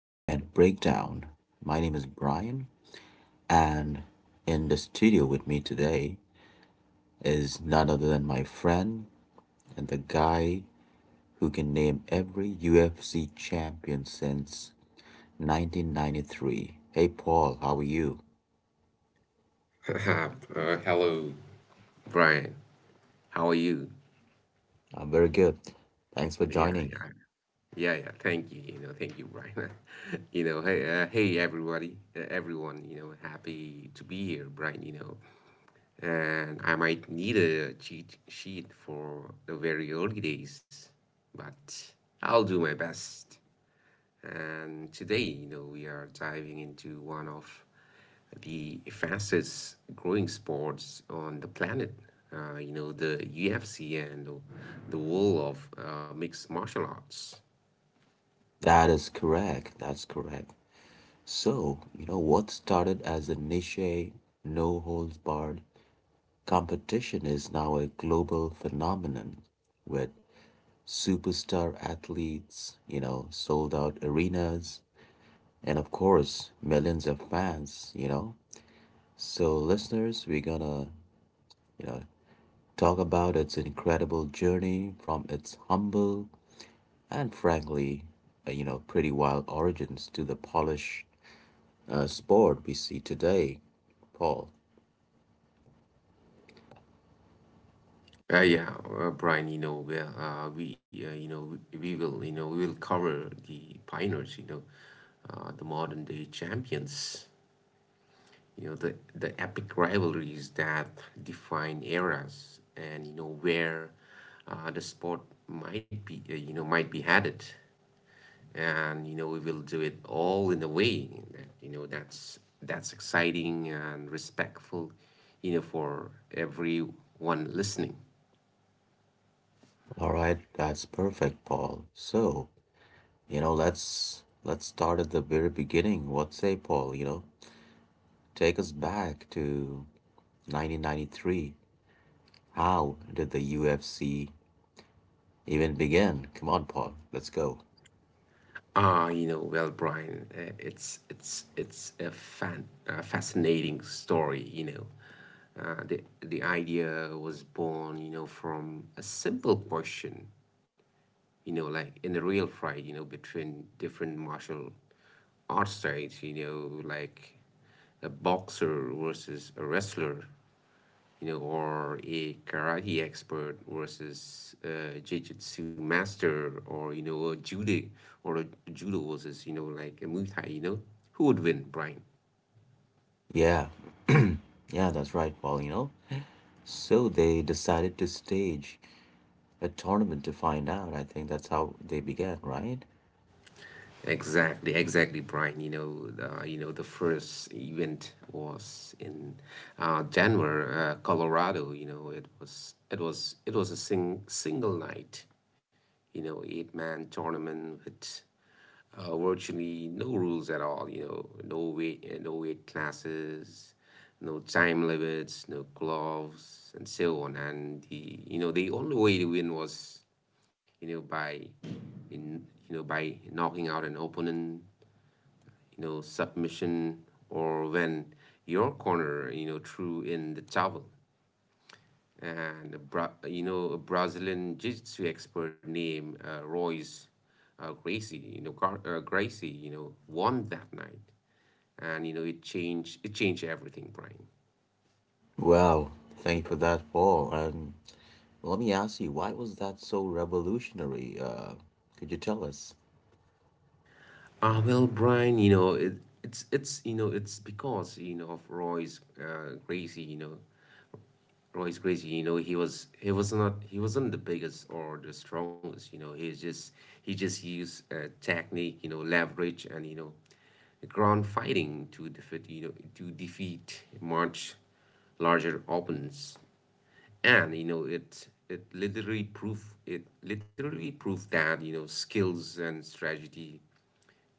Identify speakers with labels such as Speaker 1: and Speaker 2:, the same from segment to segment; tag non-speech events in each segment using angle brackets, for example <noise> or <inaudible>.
Speaker 1: Event Breakdown. My name is Brian, and in the studio with me today is none other than my friend and the guy who can name every UFC champion since 1993. Hey, Paul, how are you?
Speaker 2: <laughs> uh, Hello, Brian. How are you?
Speaker 1: I'm very good. Thanks for
Speaker 2: Yeah,
Speaker 1: joining.
Speaker 2: yeah, yeah, yeah. Thank you. You know, thank you, Brian. <laughs> Hey, hey, everyone. You know, happy to be here, Brian. You know, and I might need a cheat sheet for the very early days, but I'll do my best. And today, you know, we are diving into one of the fastest growing sports on the planet. You know, the UFC and the world of mixed martial arts.
Speaker 1: That is correct. That's correct. So, what started as a niche, no holds barred competition is now a global phenomenon with superstar athletes, sold out arenas, and of course, millions of fans. So, listeners, we're gonna, you know, talk about its incredible journey from its humble and frankly, pretty wild origins to the polished sport we see today, Paul.
Speaker 2: Yeah, Brian, you know, we you know, we will, you know, we will cover the pioneers, you know, the modern day champions, you know, the epic rivalries that define eras and, you know, where the sport might be, might be headed. And you know we will do it all in a way that you know that's exciting and respectful, you know, for everyone listening.
Speaker 1: All right, that's perfect, Paul. So let's start at the very beginning. What say, Paul? You know, take us back to 1993. How did the UFC even begin? Come on, Paul. Let's go.
Speaker 2: You know, well, Brian, it's a fan a fascinating story, you know. The the idea was born, you know, from a simple question, you know, like in the real fight, you know, between different martial arts styles, you know, like a boxer versus a wrestler, you know, or a karate expert versus a jiu-jitsu master, or you know, a judo or a judo versus you know, like a Muay Thai, you know, who would win, Brian?
Speaker 1: Yeah, yeah, that's right, Paul. You know, so they decided to stage a tournament to find out. I think that's how they began, right?
Speaker 2: Exactly, exactly, Brian. You know, the first event was in Denver, Colorado. You know, it was a single night. You know, eight-man tournament with virtually no rules at all. You know, no weight classes, no time limits, no gloves, and so on. And, the you know, the only way to win was, you know, by in you know, by knocking out an opponent, you know, submission, or when your corner, you know, threw in the towel. And, you know, a Brazilian jiu-jitsu expert named Royce Gracie, you know, Gracie, you know, won that night. And, you know, it changed everything, Brian.
Speaker 1: Wow, thank you for that, Paul. And let me ask you, why was that so revolutionary? Could you tell us?
Speaker 2: Well, Brian, you know, it's, you know, it's because, you know, of Royce Gracie, you know. Well, he's crazy. You know, he wasn't the biggest or the strongest. You know, he just used technique. You know, leverage and you know, ground fighting to defeat, you know, to defeat much larger opponents. And you know, it literally proved that you know skills and strategy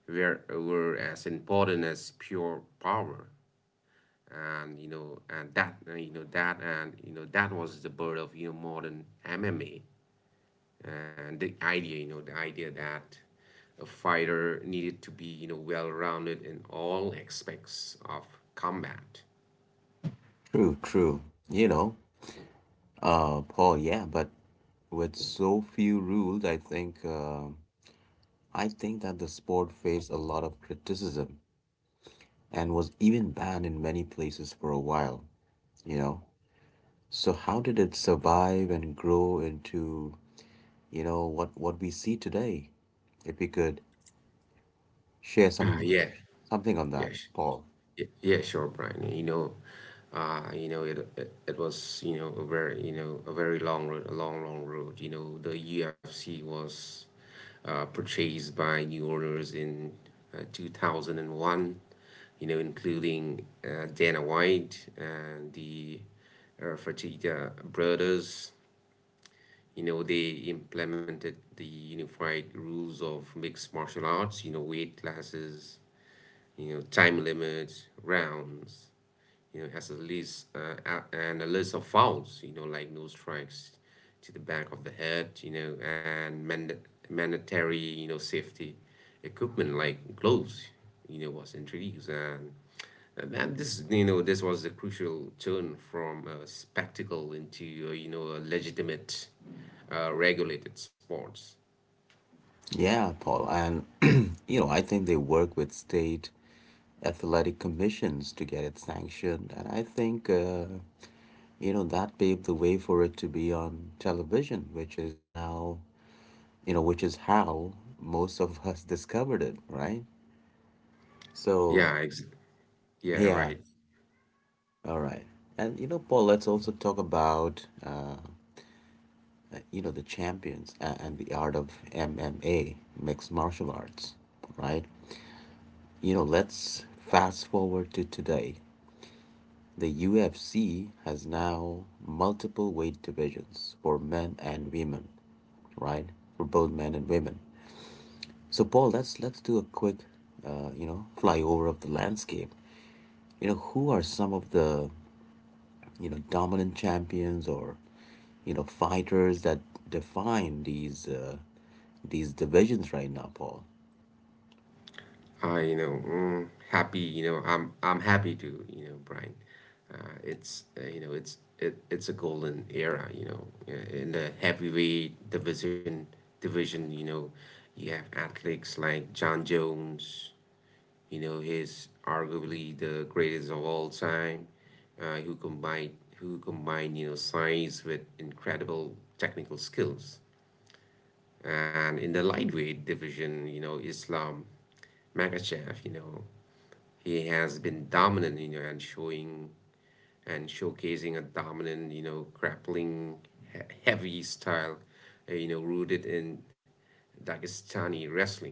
Speaker 2: were as important as pure power, and you know and that you know that and you know that was the birth of, you know, modern MMA, and the idea that a fighter needed to be, you know, well rounded in all aspects of combat.
Speaker 1: True, true. You know, Paul, yeah, but with so few rules, I think that the sport faced a lot of criticism and was even banned in many places for a while, you know. So how did it survive and grow into, you know, what we see today? If you could share
Speaker 2: Uh, yeah,
Speaker 1: something on that,
Speaker 2: yes,
Speaker 1: Paul.
Speaker 2: Yeah, sure, Brian. You know, it it was you know a very, you know, a very long road, a long long road. You know, the UFC was purchased by new owners in 2001. You know, including Dana White and the Fertitta brothers. You know, they implemented the unified rules of mixed martial arts. You know, weight classes. You know, time limits, rounds, you know, as a list and a list of fouls, you know, like no strikes to the back of the head, you know, and mandatory, you know, safety equipment like gloves, you know, was introduced. And that this, you know, this was a crucial turn from a spectacle into, you know, a legitimate, regulated sports.
Speaker 1: Yeah, Paul, and <clears throat> you know, I think they work with state athletic commissions to get it sanctioned, and I think that paved the way for it to be on television, which is now you know which is how most of us <laughs> discovered it, right? So
Speaker 2: Yeah, ex- yeah,
Speaker 1: yeah,
Speaker 2: right.
Speaker 1: all right. And you know paul let's also talk about the champions and the art of MMA, mixed martial arts, right? You know, let's fast forward to today. The UFC has now multiple weight divisions for men and women, right? For both men and women. So, Paul, let's do a quick, flyover of the landscape. You know, who are some of the dominant champions or fighters that define these divisions right now, Paul?
Speaker 2: I'm happy to, you know, Brian. It's You know, it's a golden era, you know. In the heavyweight division, you know, you have athletes like John Jones, you know, he's arguably the greatest of all time, who combined, you know, size with incredible technical skills. And in the lightweight division, you know, Islam Makachev, you know, he has been dominant, you know, and showcasing a dominant, you know, heavy style, you know, rooted in Dagestani wrestling.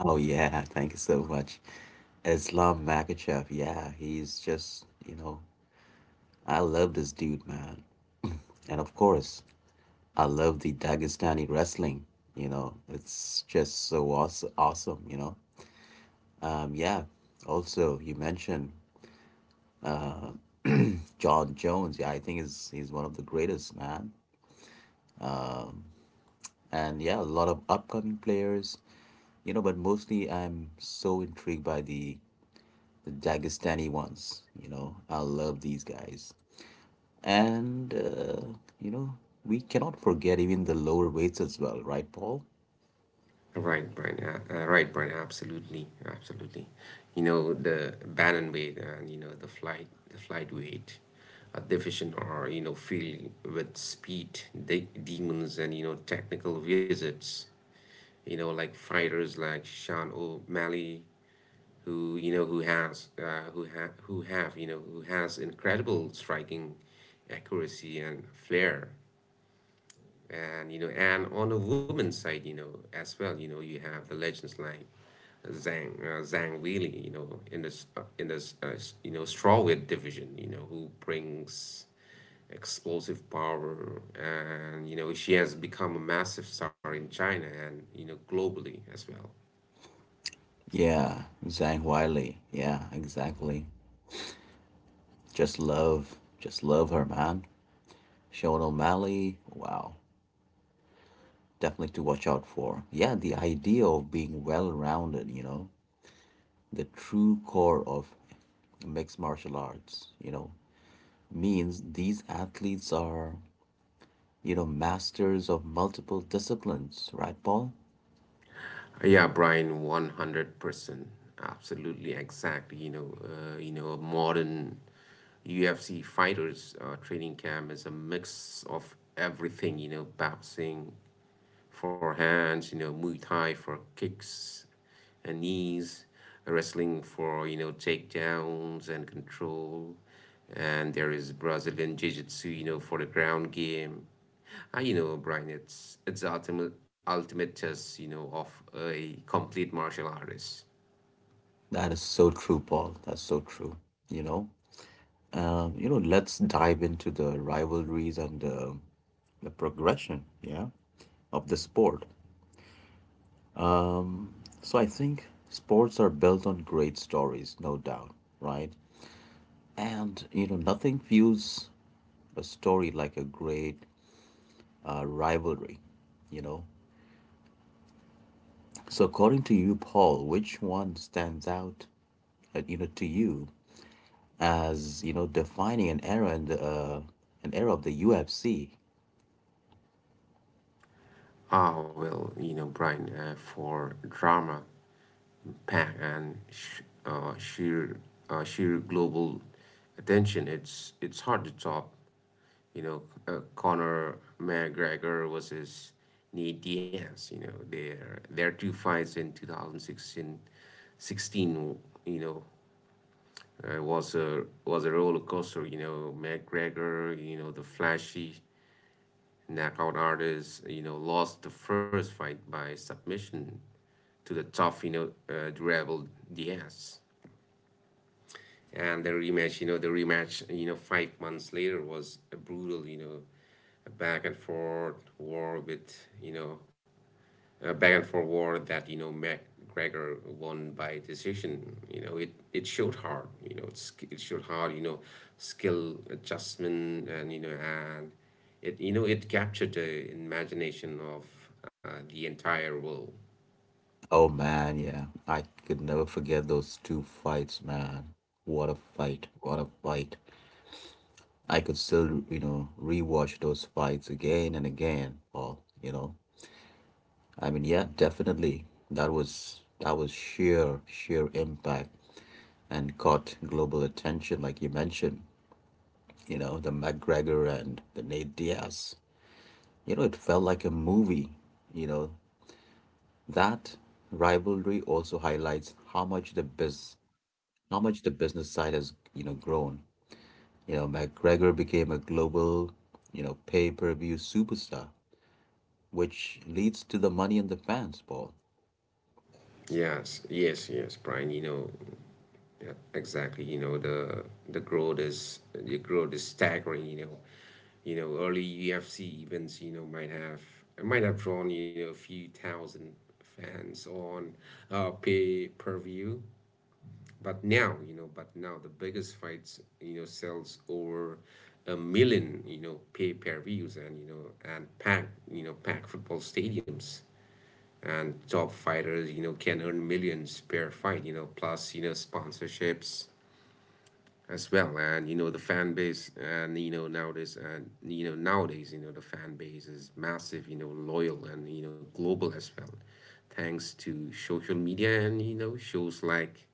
Speaker 1: Oh <laughs> yeah, thank you so much, Islam Makachev. Yeah, he's just you know, I love this dude, man, <clears throat> and of course, I love the Dagestani wrestling. You know, it's just so awesome. Awesome, you know. Yeah. Also, you mentioned John Jones. Yeah, I think is he's one of the greatest, man. And yeah, a lot of upcoming players, you know, but mostly I'm so intrigued by the Dagestani ones, you know. I love these guys. And you know, we cannot forget even the lower weights as well, right, Paul?
Speaker 2: Right, Brian. Absolutely, absolutely. You know the bantamweight and you know the flight weight, a division are you know filled with speed, demons, and you know technical wizards. You know like fighters like Sean O'Malley, who you know who has who ha- who have you know who has incredible striking accuracy and flair, and you know and on the woman's side you know as well, you know you have the legends like Zhang Weili, you know, in this you know strawweight division, you know who brings explosive power, and you know she has become a massive star in China and you know globally as well.
Speaker 1: Yeah, Zhang Wiley. Yeah, exactly. Just love her, man. Sean O'Malley. Wow. Definitely to watch out for. Yeah, the idea of being well rounded, you know, the true core of mixed martial arts, you know, means these athletes are, you know, masters of multiple disciplines, right, Paul?
Speaker 2: Yeah, Brian, 100%. Absolutely exact. You know, a modern UFC fighters training camp is a mix of everything, you know, boxing for hands, you know, Muay Thai for kicks and knees, wrestling for, you know, takedowns and control. And there is Brazilian Jiu-Jitsu, you know, for the ground game. I, you know, Brian, it's the ultimate ultimate test, you know, of a complete martial artist.
Speaker 1: That is so true, Paul. That's so true, you know. You know, let's dive into the rivalries and the progression, yeah, of the sport. So I think sports are built on great stories, no doubt, right? And you know, nothing fuels a story like a great rivalry, you know. So, according to you, Paul, which one stands out, to you as you know defining an era in the an era of the UFC?
Speaker 2: Well, you know, Brian, for drama, pack and sheer global attention, it's hard to top. You know, Conor McGregor versus Nate Diaz. You know, their two fights in 2016, 16. You know, was a roller coaster. You know, McGregor. You know, the flashy knockout artist, you know, lost the first fight by submission to the tough, you know, rebel Diaz. And the rematch, you know, 5 months later was a brutal, you know, a back and forth war with you know a back and forth war that you know McGregor won by decision. You know it's it showed hard, you know, skill adjustment, and you know and it you know it captured the imagination of the entire world.
Speaker 1: Oh man, yeah, I could never forget those two fights, man. What a fight! What a fight! I could still, you know, rewatch those fights again and again, Paul. You know. I mean, yeah, definitely. That was sheer sheer impact and caught global attention, like you mentioned. You know, the McGregor and the Nate Diaz. You know, it felt like a movie. You know, that rivalry also highlights how much the business side has, you know, grown. You know, McGregor became a global, you know, pay-per-view superstar, which leads to the money and the fans, Paul.
Speaker 2: Yes, yes, yes, Brian, you know. Yeah, exactly. You know, the growth is staggering, you know. You know, early UFC events, you know, might have drawn, you know, a few thousand fans on pay per view. But now the biggest fights, you know, sells over a million, you know, pay per views, and you know and pack, you know, pack football stadiums. And top fighters, you know, can earn millions per fight, you know, plus, you know, sponsorships as well. And you know the fan base, and you know nowadays you know the fan base is massive, you know, loyal and you know global as well, thanks to social media and you know shows like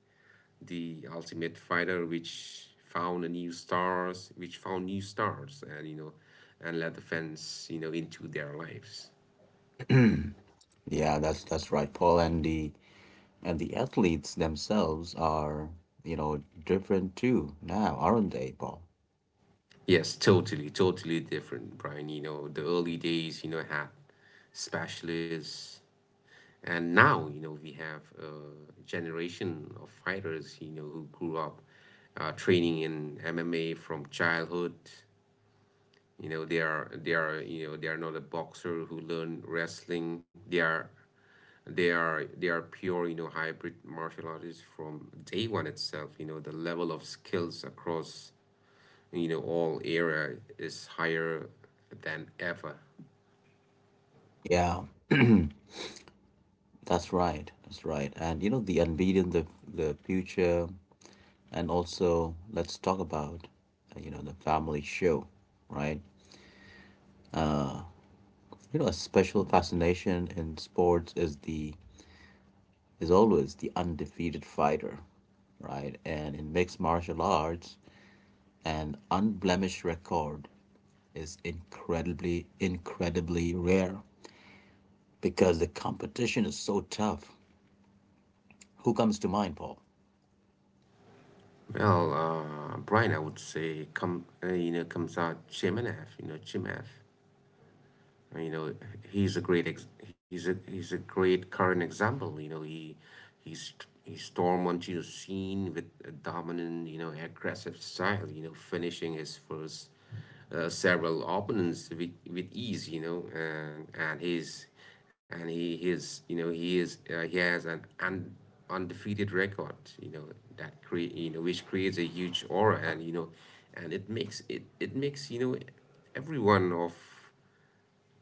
Speaker 2: the ultimate fighter, which found new stars and you know and let the fans, you know, into their lives.
Speaker 1: Yeah, that's right, Paul. And the athletes themselves are, you know, different too now, aren't they, Paul?
Speaker 2: Yes, totally, totally different, Brian. You know the early days, you know, had specialists. And now, you know, we have a generation of fighters, you know, who grew up training in MMA from childhood. You know, they are not a boxer who learned wrestling. They are pure, you know, hybrid martial artists from day one itself. You know, the level of skills across, you know, all area is higher than ever.
Speaker 1: Yeah, that's right. That's right. And you know, the unbeaten, the future, and also let's talk about, the family show, right? You know, a special fascination in sports is the is always the undefeated fighter, right? And in mixed martial arts, an unblemished record is incredibly, incredibly rare because the competition is so tough. Who comes to mind, Paul?
Speaker 2: Well, Brian, I would say come, you know, comes out Chimenev, you know, Chimev, you know, he's a great current example, you know. He's he stormed onto the scene with a dominant, you know, aggressive style, you know, finishing his first several opponents with ease, you know. And he is, you know, he has an undefeated record, you know, which creates a huge aura, and you know and it makes it it makes, you know, everyone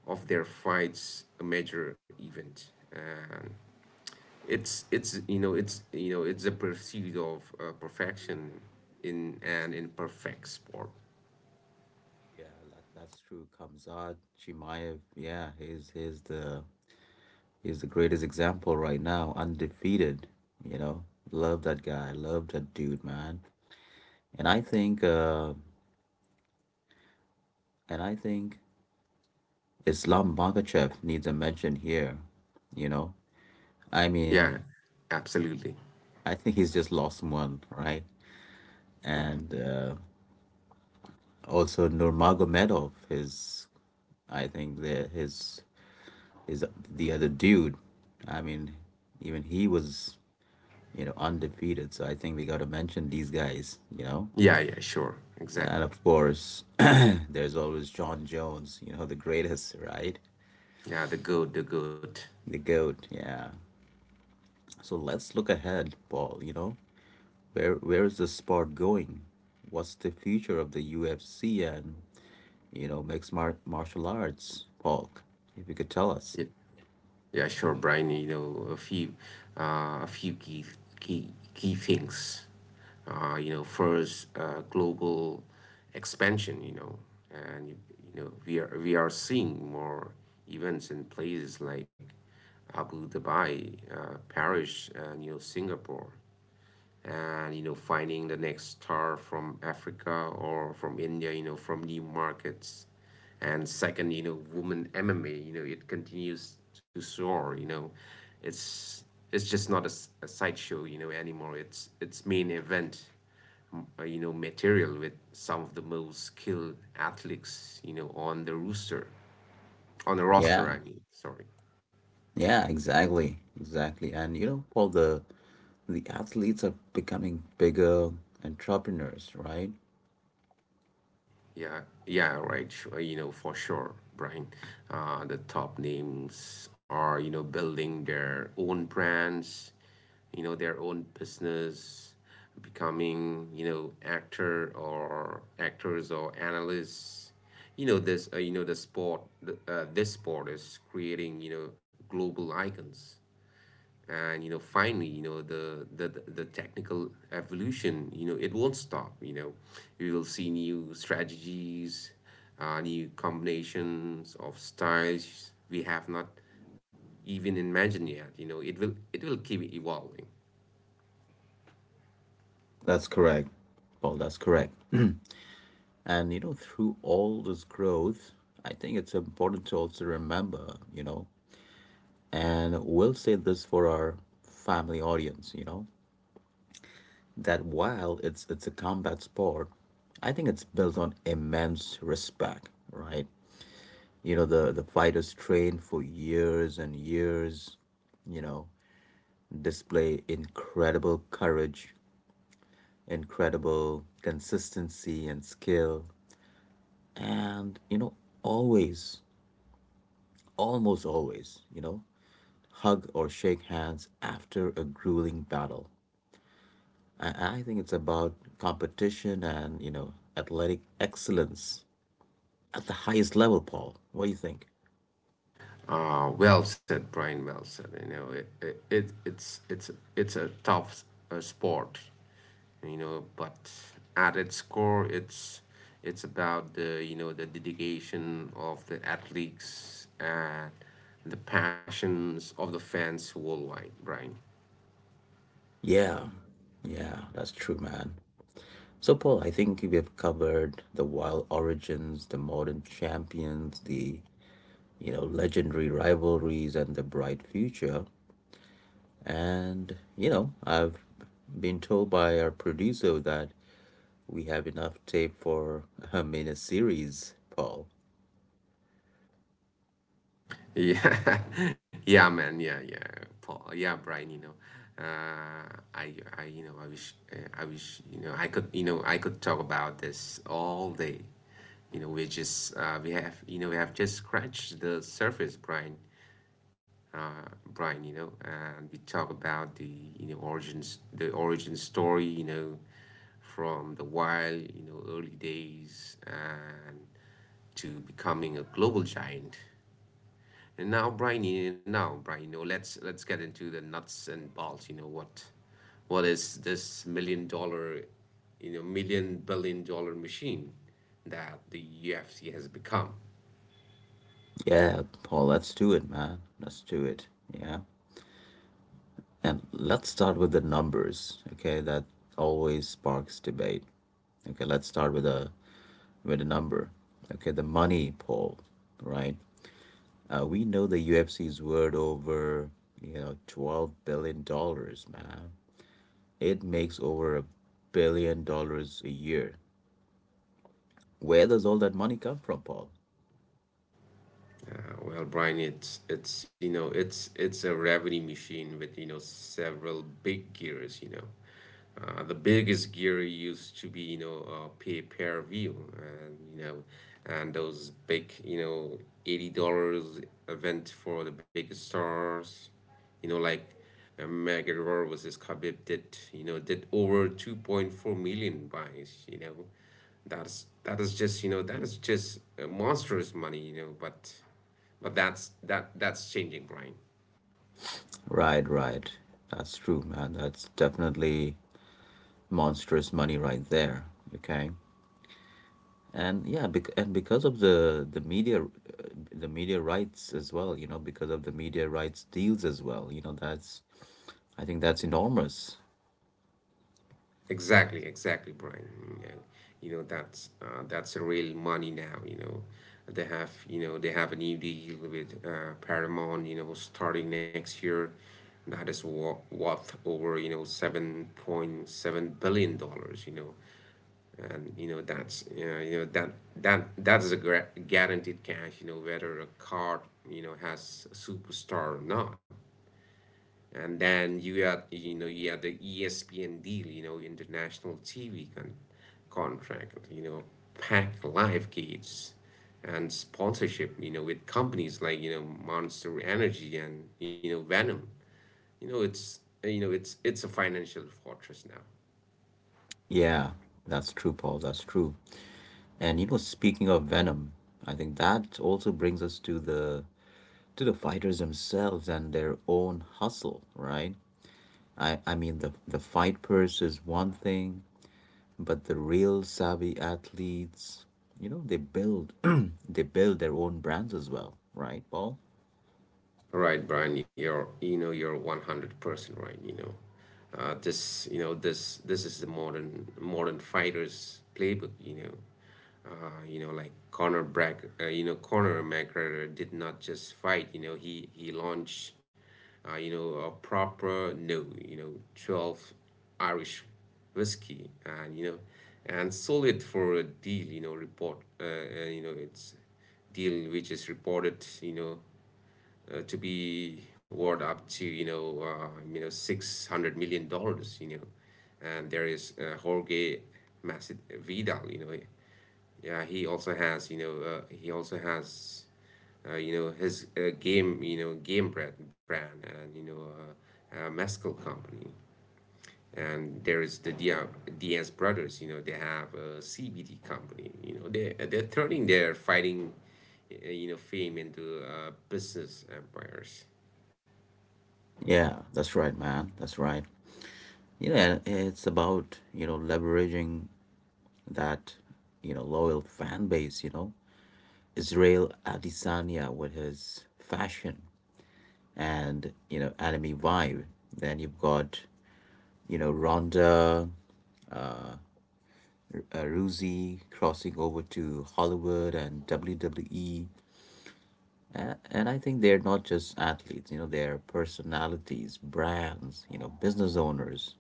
Speaker 2: of their fights a major event. And it's you know it's you know it's a pursuit of perfection in an imperfect sport.
Speaker 1: Yeah, that's true. Kamzad Chimaev. Yeah, he's the greatest example right now, undefeated. You know, love that guy, love that dude, man. And I think, uh, and I think Islam Makhachev needs a mention here. You know, I mean,
Speaker 2: Yeah, absolutely.
Speaker 1: I think he's just lost one, right? And also Nurmagomedov. His is the other dude. I mean, even he was you know undefeated. So I think we got to mention these guys. You know,
Speaker 2: Yeah, yeah, sure,
Speaker 1: and
Speaker 2: exactly.
Speaker 1: of course, <clears throat> there's always John Jones. You know, the greatest, right?
Speaker 2: Yeah, the good, the good.
Speaker 1: The GOAT. Yeah. So let's look ahead, Paul. You know, where is the sport going? What's the future of the UFC and you know, mixed martial arts, Paul, if you could tell us.
Speaker 2: Yeah, yeah, sure, Brian. You know, a few, uh, a few key key things. You know, first, global expansion. And we are seeing more events in places like Abu Dhabi, Paris, and Singapore, and finding the next star from Africa or from India, from new markets. And second, women MMA, it continues to soar. You know it's it's just not a sideshow, anymore. It's main event material, with some of the most skilled athletes, on the rooster, on the
Speaker 1: Yeah,
Speaker 2: roster, I mean, sorry.
Speaker 1: yeah, exactly, exactly. And you know, Paul, the athletes are becoming bigger entrepreneurs, right?
Speaker 2: Yeah, yeah, right, sure. For sure, Brian. The top names are, building their own brands, their own business, becoming, actors or analysts. This sport is creating, global icons. And you know Finally, the technical evolution, it won't stop. We will see new strategies, new combinations of styles we have not even imagined yet. It will keep evolving.
Speaker 1: That's correct, Paul. That's correct. <clears throat> And you know, through all this growth, I think it's important to also remember, you know, and we'll say this for our family audience, you know, that while it's a combat sport, I think it's built on immense respect, right? You know, the fighters train for years and years, you know, display incredible courage, incredible consistency and skill, and you know, always, almost always, you know, hug or shake hands after a grueling battle. I think it's about competition and you know athletic excellence at the highest level, Paul. What do you think?
Speaker 2: Well said, Brian. Well said. It, it, it it's a tough sport. But at its core, it's about the you know the dedication of the athletes and the passions of the fans worldwide, Brian.
Speaker 1: Yeah, yeah, that's true, man. So, Paul, I think we have covered the wild origins, the modern champions, the you know legendary rivalries, and the bright future. And you know, I've been told by our producer that we have enough tape for a mini series, Paul.
Speaker 2: Yeah, <laughs> yeah, man. Yeah, yeah, Paul. Yeah, Brian. Uh, I, I wish, I could talk about this all day. You know, we just, we have, you know, We have just scratched the surface, Brian. Brian, and we talk about the origin story. From the wild, early days, and to becoming a global giant. And now, Brian, you know, Now, Brian, let's get into the nuts and bolts. You know what is this million billion dollar machine that the UFC has become?
Speaker 1: Yeah, Paul, let's do it, man. Let's do it. Yeah. And let's start with the numbers, okay? That always sparks debate. Okay, let's start with a number. Okay, the money poll, right? We know the UFC's worth over, you know, $12 billion, man. It makes over a billion dollars a year. Where does all that money come from, Paul?
Speaker 2: Brian, it's a revenue machine with, several big gears. The biggest gear used to be, pay per view, and, and those big, $80 event for the biggest stars, you know like. McGregor versus Khabib did over 2.4 million buys. That's that is just you know that is just monstrous money, but that's changing, Brian.
Speaker 1: Right, right. That's true, man. That's definitely monstrous money right there. Okay. And yeah, because of the media rights as well, you know, because of the media rights deals as well, you know, that's, I think that's enormous.
Speaker 2: Exactly, exactly, Brian. Mm, yeah. That's real money now. They have a new deal with, Paramount, starting next year, that is worth over, $7.7 billion. you know and you know That is a guaranteed cash, whether a card, has superstar or not. And then you had the ESPN deal, international TV contract, packed live gates, and sponsorship, with companies like, Monster Energy, and you know Venom. you know it's it's a financial fortress now.
Speaker 1: Yeah, that's true, Paul. That's true. And you know, speaking of Venom, I think that also brings us to the fighters themselves and their own hustle, right? I mean the fight purse is one thing, but the real savvy athletes, you know, they build <clears throat> they build their own brands as well, right, Paul?
Speaker 2: Right, Brian, you're 100% right, this you know this This is the modern fighter's playbook, Like Conor Brack. You know Conor McGregor did not just fight. He launched, a Proper No., 12 Irish whiskey, and you know and sold it for a deal, report you know it's deal which is reported, to be worth up to, $600 million. And there is, Jorge Maced Vidal. He also has, his, game brand, and you know mezcal company. And there is the Diaz brothers. They have a CBD company. They're turning their fighting, fame into, business empires.
Speaker 1: Yeah, that's right, man. That's right. You know, it's about, you know, leveraging that, you know, loyal fan base, you know. Israel Adesanya with his fashion and, you know, anime vibe. Then you've got, you know, Ronda uh, Ruzi crossing over to Hollywood and WWE. And I think they're not just athletes, you know, they're personalities, brands, you know, business owners.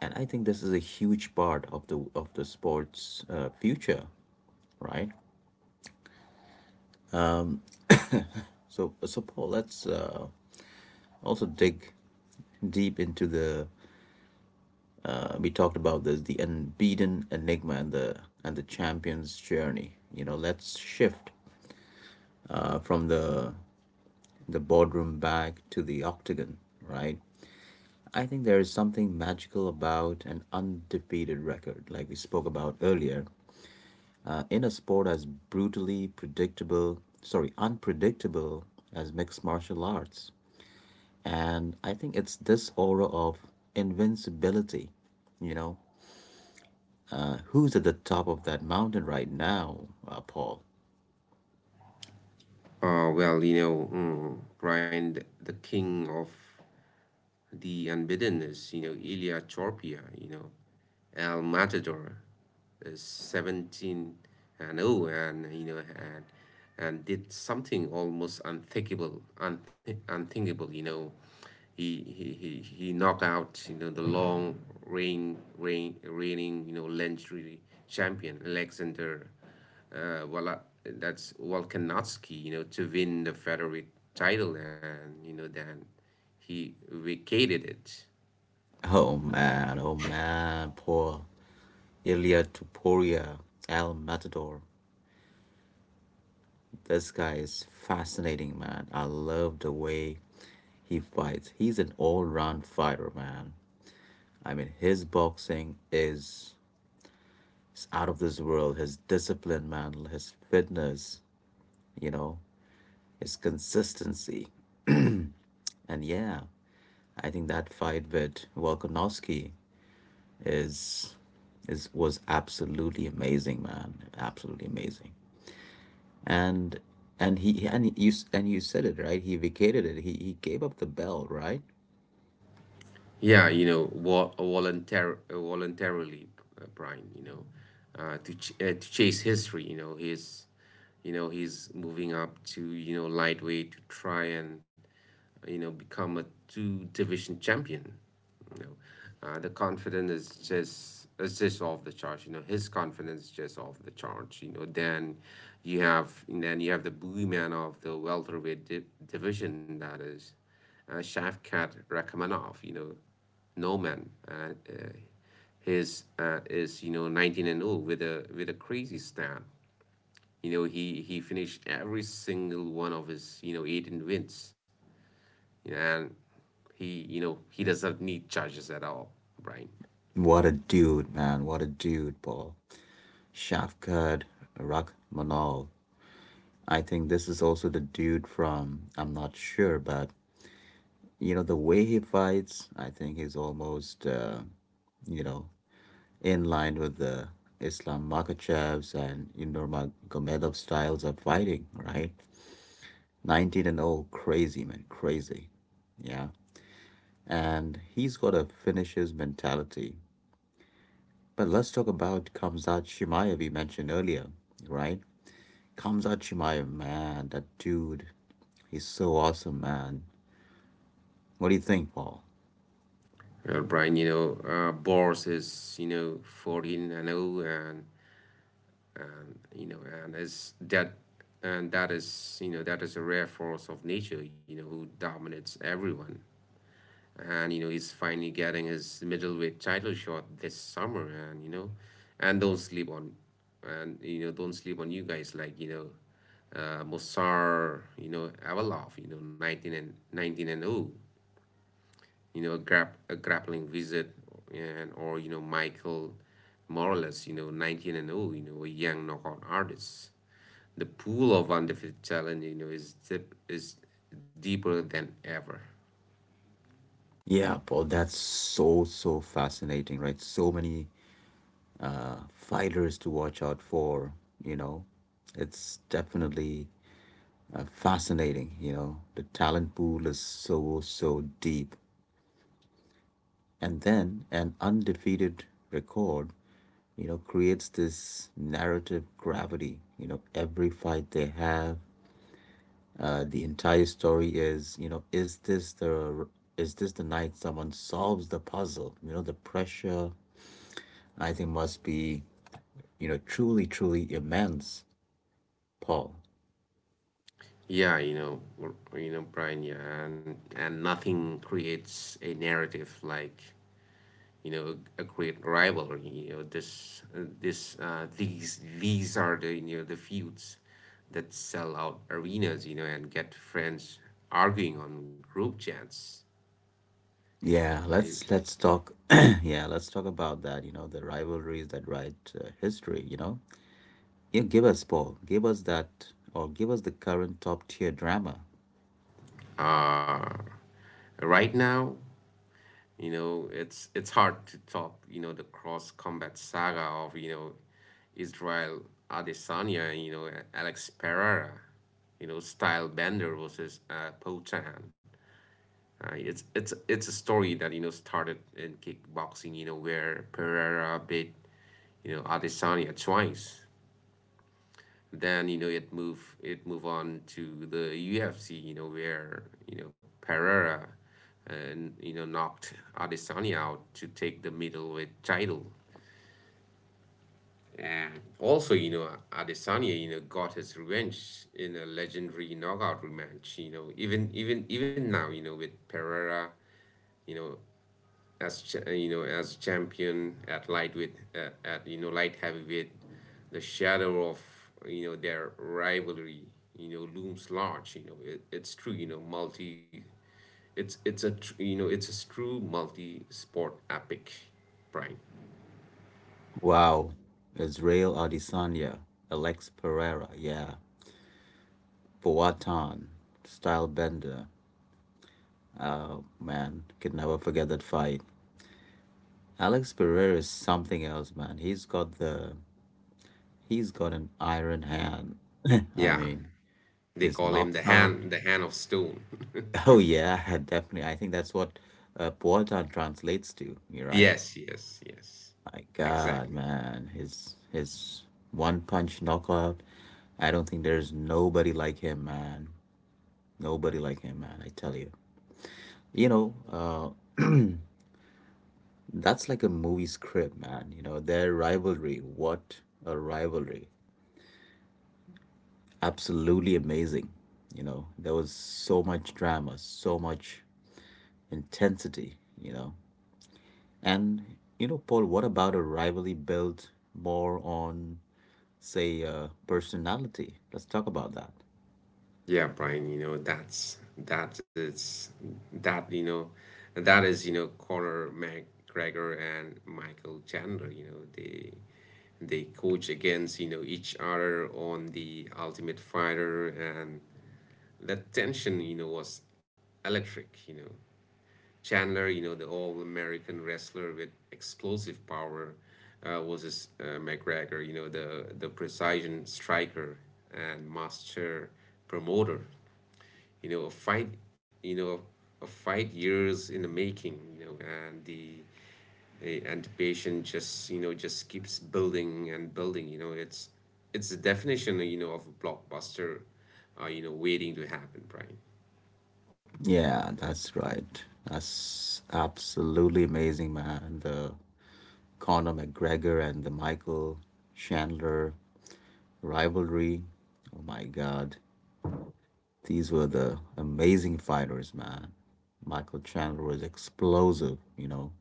Speaker 1: And I think this is a huge part of the sports future, right? So Paul, let's also dig deep into the. We talked about this, the unbeaten enigma and the champion's journey. You know, let's shift from the boardroom back to the octagon, right? I think there is something magical about an undefeated record, like we spoke about earlier, in a sport as brutally unpredictable as mixed martial arts. And I think it's this aura of invincibility, you know. Who's at the top of that mountain right now, Paul?
Speaker 2: Brian, the king of the unbeaten is, Ilya Chorpia, El Matador, is 17-0, and, did something almost unthinkable, He, he, he, he knocked out, the long reigning, legendary champion Alexander, Wala, that's Volkanovski, to win the featherweight title, and then he vacated it.
Speaker 1: Oh man, Paul. Ilya Tuporia, El Matador, this guy is fascinating, man. I love the way he fights. He's an all-round fighter, man. I mean, his boxing is out of this world. His discipline, man, his fitness, you know, his consistency. And yeah, I think that fight with Volkanovski is is was absolutely amazing, man. Absolutely amazing. And and you said it right. He vacated it. He gave up the belt, right?
Speaker 2: Yeah, voluntarily, Brian, to chase history. He's moving up to, lightweight to try and, become a two division champion. The confidence is just off the charts. His confidence is just off the charts. Then you have the boogeyman of the welterweight division, that is, Shavkat Rakhmanov. No, man. His, is, 19-0, with a crazy stat. He finished every single one of his, 18 wins, and he you know he doesn't need charges at all, Brian.
Speaker 1: What a dude, man. What a dude, Paul. Shafkat Rakhmanal. I think this is also the dude from I'm not sure, but you know the way he fights, I think he's almost you know in line with the Islam Makachevs and you know, Nurmagomedov styles of fighting, right? 19 and 0, crazy, man, crazy. Yeah. And he's got a finisher's mentality. But let's talk about Kamzat Shimaev we mentioned earlier, right? Kamzat Shimaev, man, that dude, he's so awesome, man. What do you think, Paul?
Speaker 2: Well, Brian, Boris is, 14-0, and you know, and is that and that is, that is a rare force of nature, who dominates everyone. And he's finally getting his middleweight title shot this summer. And you know and don't sleep on, you guys like, Mossar, Avalov, 19-0, a grappling wizard, and or, Michael Morales, 19-0, a young knockout artist. The pool of undefeated talent, is is deeper than ever.
Speaker 1: Yeah, Paul, that's so, so fascinating, right? So many fighters to watch out for, you know. It's definitely fascinating, you know. The talent pool is so, so deep. And then an undefeated record you know creates this narrative gravity. You know every fight they have, the entire story is you know is this the night someone solves the puzzle. You know the pressure I think must be you know truly, truly immense, Paul.
Speaker 2: Yeah, Brian. Yeah, and nothing creates a narrative like, a great rivalry. You know, this These are the you know the feuds that sell out arenas. And get friends arguing on group chats.
Speaker 1: Yeah, let's talk <clears throat> yeah, let's talk about that. You know the rivalries that write history, you know. Yeah, give us, Paul. Give us that, or give us the current top tier drama.
Speaker 2: Uh, right now, it's hard to top, the cross combat saga of, Israel Adesanya, Alex Pereira, Style Bender versus, Potan. It's a story that, started in kickboxing, where Pereira beat, Adesanya twice. Then, it move on to the UFC, you know where you know Pereira and you know knocked Adesanya out to take the middleweight title. And also, Adesanya, got his revenge in a legendary knockout rematch. Even now, with Pereira, you know as champion at lightweight, at light heavyweight, the shadow of, their rivalry, looms large. It's true. You know multi it's a tr- you know It's a true multi sport epic prime.
Speaker 1: Wow. Israel Adesanya, Alex Pereira, yeah. Boatan, Stylebender. Oh, man, could never forget that fight. Alex Pereira is something else, man. He's got an iron hand. <laughs> I
Speaker 2: Yeah,
Speaker 1: mean,
Speaker 2: they
Speaker 1: his
Speaker 2: call him the
Speaker 1: knockout.
Speaker 2: hand of stone.
Speaker 1: Oh, yeah, <laughs> definitely. I think that's what Boatan translates to, you
Speaker 2: <laughs>
Speaker 1: right?
Speaker 2: Yes, yes, yes,
Speaker 1: My God,
Speaker 2: exactly.
Speaker 1: man, his one punch knockout. I don't think there's nobody like him, man. Nobody like him, man. I tell you. You know, that's like a movie script, man. You know, their rivalry. What a rivalry! Absolutely amazing. You know, there was so much drama, so much intensity. You know, and you know, Paul. What about a rivalry built more on, say, personality? Let's talk about that.
Speaker 2: Yeah, Brian, that, you know, that is, Conor McGregor and Michael Chandler. They coach against, each other on the Ultimate Fighter, and that tension, was electric, Chandler, the all-American wrestler with explosive power, was McGregor, the precision striker and master promoter. A fight, you know, a fight years in the making, and the patient just, just keeps building and building. It's the definition, of a blockbuster, waiting to happen, Brian.
Speaker 1: Yeah, that's right. That's absolutely amazing, man. The Conor McGregor and the Michael Chandler rivalry. Oh my God. These were the amazing fighters, man. Michael Chandler was explosive, you know,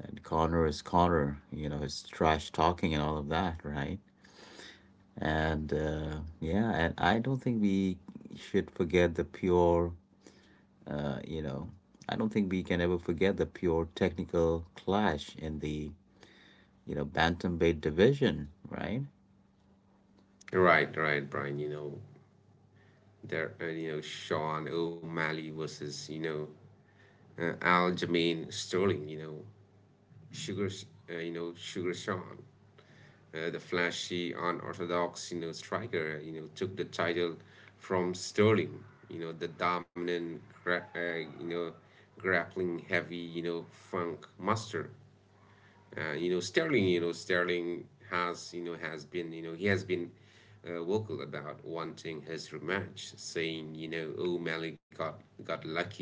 Speaker 1: and Conor is Conor, you know, his trash talking and all of that, right? And yeah, and I don't think we should forget the pure you know, I don't think we can ever forget the pure technical clash in the, you know, bantamweight division, right?
Speaker 2: Right, right, Brian. Sean O'Malley versus, Aljamain Sterling. Sugar, Sugar Sean, the flashy, unorthodox, striker, took the title from Sterling, the dominant, grappling heavy, funk master. Sterling has, he has been, vocal about wanting his rematch, saying, O'Malley got lucky,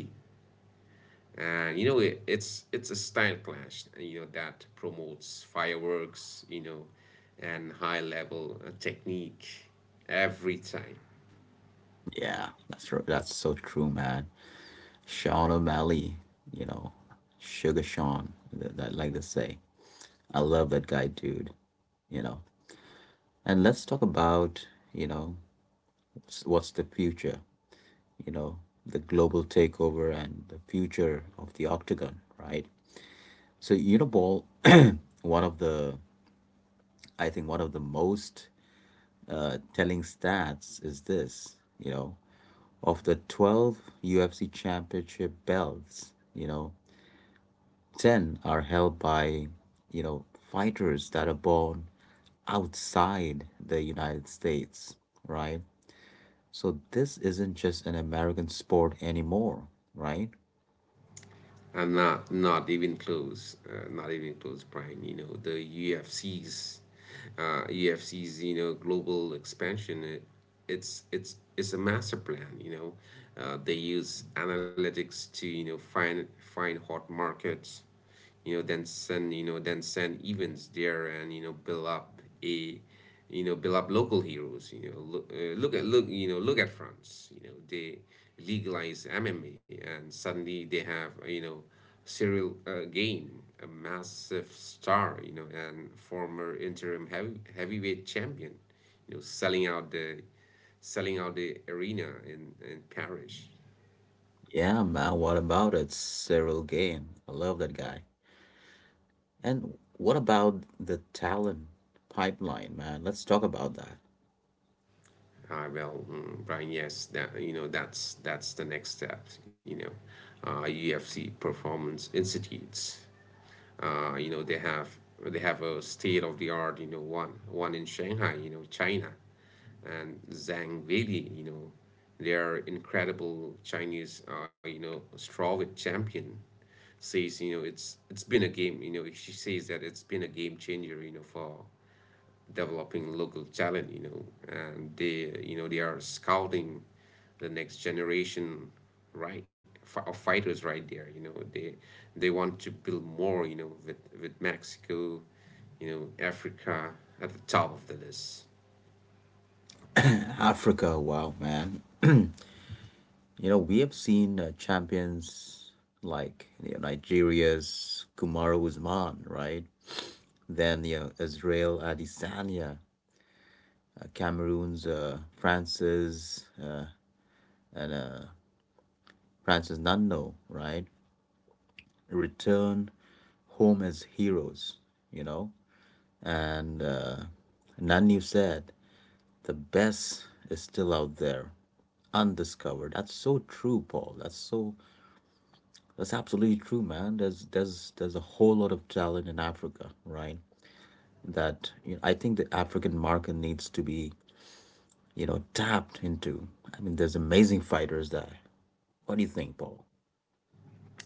Speaker 2: and you know it, it's a style clash, that promotes fireworks, and high level, technique every time.
Speaker 1: Yeah, that's so true, man. Sean O'Malley, you know, Sugar Sean, that, that like to say. I love that guy, dude. You know, and let's talk about you know what's the future. You know, the global takeover and the future of the octagon, right? So, you know, Ball, <clears throat> one of the I think one of the most telling stats is this, you know, of the 12 UFC championship belts, you know, 10 are held by, you know, fighters that are born outside the United States, right? So this isn't just an American sport anymore, right?
Speaker 2: And Not even close, Brian. You know the ufc's UFC's, global expansion, it, it's a master plan, They use analytics to, find hot markets. Then send events there, and, build up local heroes. You know, look, look at look you know, Look at France. They legalize MMA and suddenly they have serial Gain, a massive star. You know, and former interim heavyweight champion. You know, selling out the arena in Paris.
Speaker 1: Yeah, man, what about it? Cyril Gane. I love that guy. And what about the talent pipeline, man? Let's talk about that.
Speaker 2: Well, Brian, yes, that's that's the next step. You know, UFC Performance Institutes. You know they have a state of the art. You know one in Shanghai. You know, China and Zhang Weili. You know they are incredible Chinese. You know strawweight champion says you know it's been a game. You know, she says that it's been a game changer. You know, for developing local talent. You know, and they they are scouting the next generation, right, of fighters right there. You know, they want to build more, you know, with Mexico, you know, Africa at the top of the list.
Speaker 1: Africa, wow, man. You know, we have seen champions like you know, Nigeria's Kumaro Usman, right? Then you know, Israel Adesanya, Cameroon's and uh, Francis Ngannou, right? Return home as heroes, you know. And Nanu said, "The best is still out there, undiscovered." That's so true, Paul. That's absolutely true, man. There's a whole lot of talent in Africa, right? That you know, I think the African market needs to be you know tapped into. I mean, there's amazing fighters there. What do you think, Paul?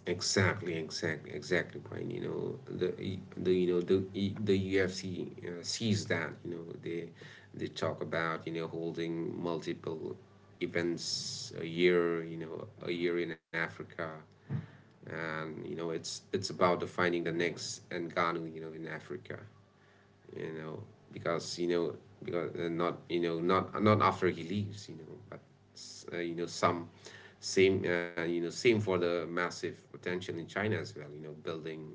Speaker 2: Exactly, Brian. You know, the the UFC sees that. You know they talk about, you know, holding multiple events a year, you know, a year in Africa. And you know it's about defining the next Ngannou, you know, in Africa, you know, because you know, because not not after he leaves, you know, but you know some same you know same for the massive potential in China as well, you know, building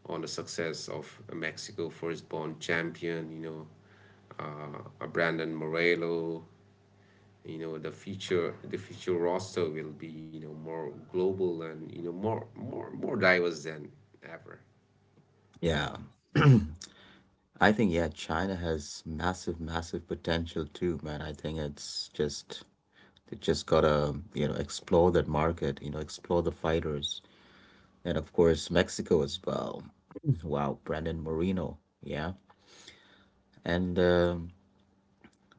Speaker 2: on the success of Mexico first-born champion, you know, Brandon Morello. You know, the future roster will be, you know, more global and, you know, more diverse than ever.
Speaker 1: Yeah, <clears throat> I think yeah, China has massive, massive potential too, man. I think it's just they just gotta you know explore that market, you know, explore the fighters, and of course Mexico as well. <clears throat> Wow, Brandon Moreno, yeah, and um,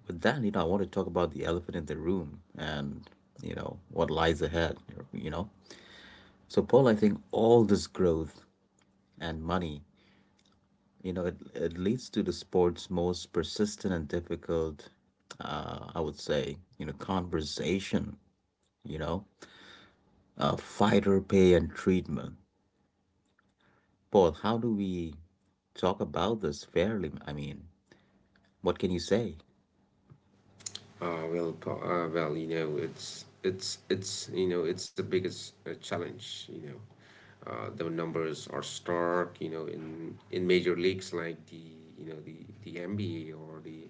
Speaker 1: with that, you know, I want to talk about the elephant in the room and, you know, what lies ahead, you know. So, Paul, I think all this growth and money, you know, it leads to the sport's most persistent and difficult, I would say, you know, conversation, you know, fighter pay and treatment. Paul, how do we talk about this fairly? I mean, what can you say?
Speaker 2: Well, you know it's you know it's the biggest challenge. You know, the numbers are stark, you know, in major leagues like the you know the the NBA or the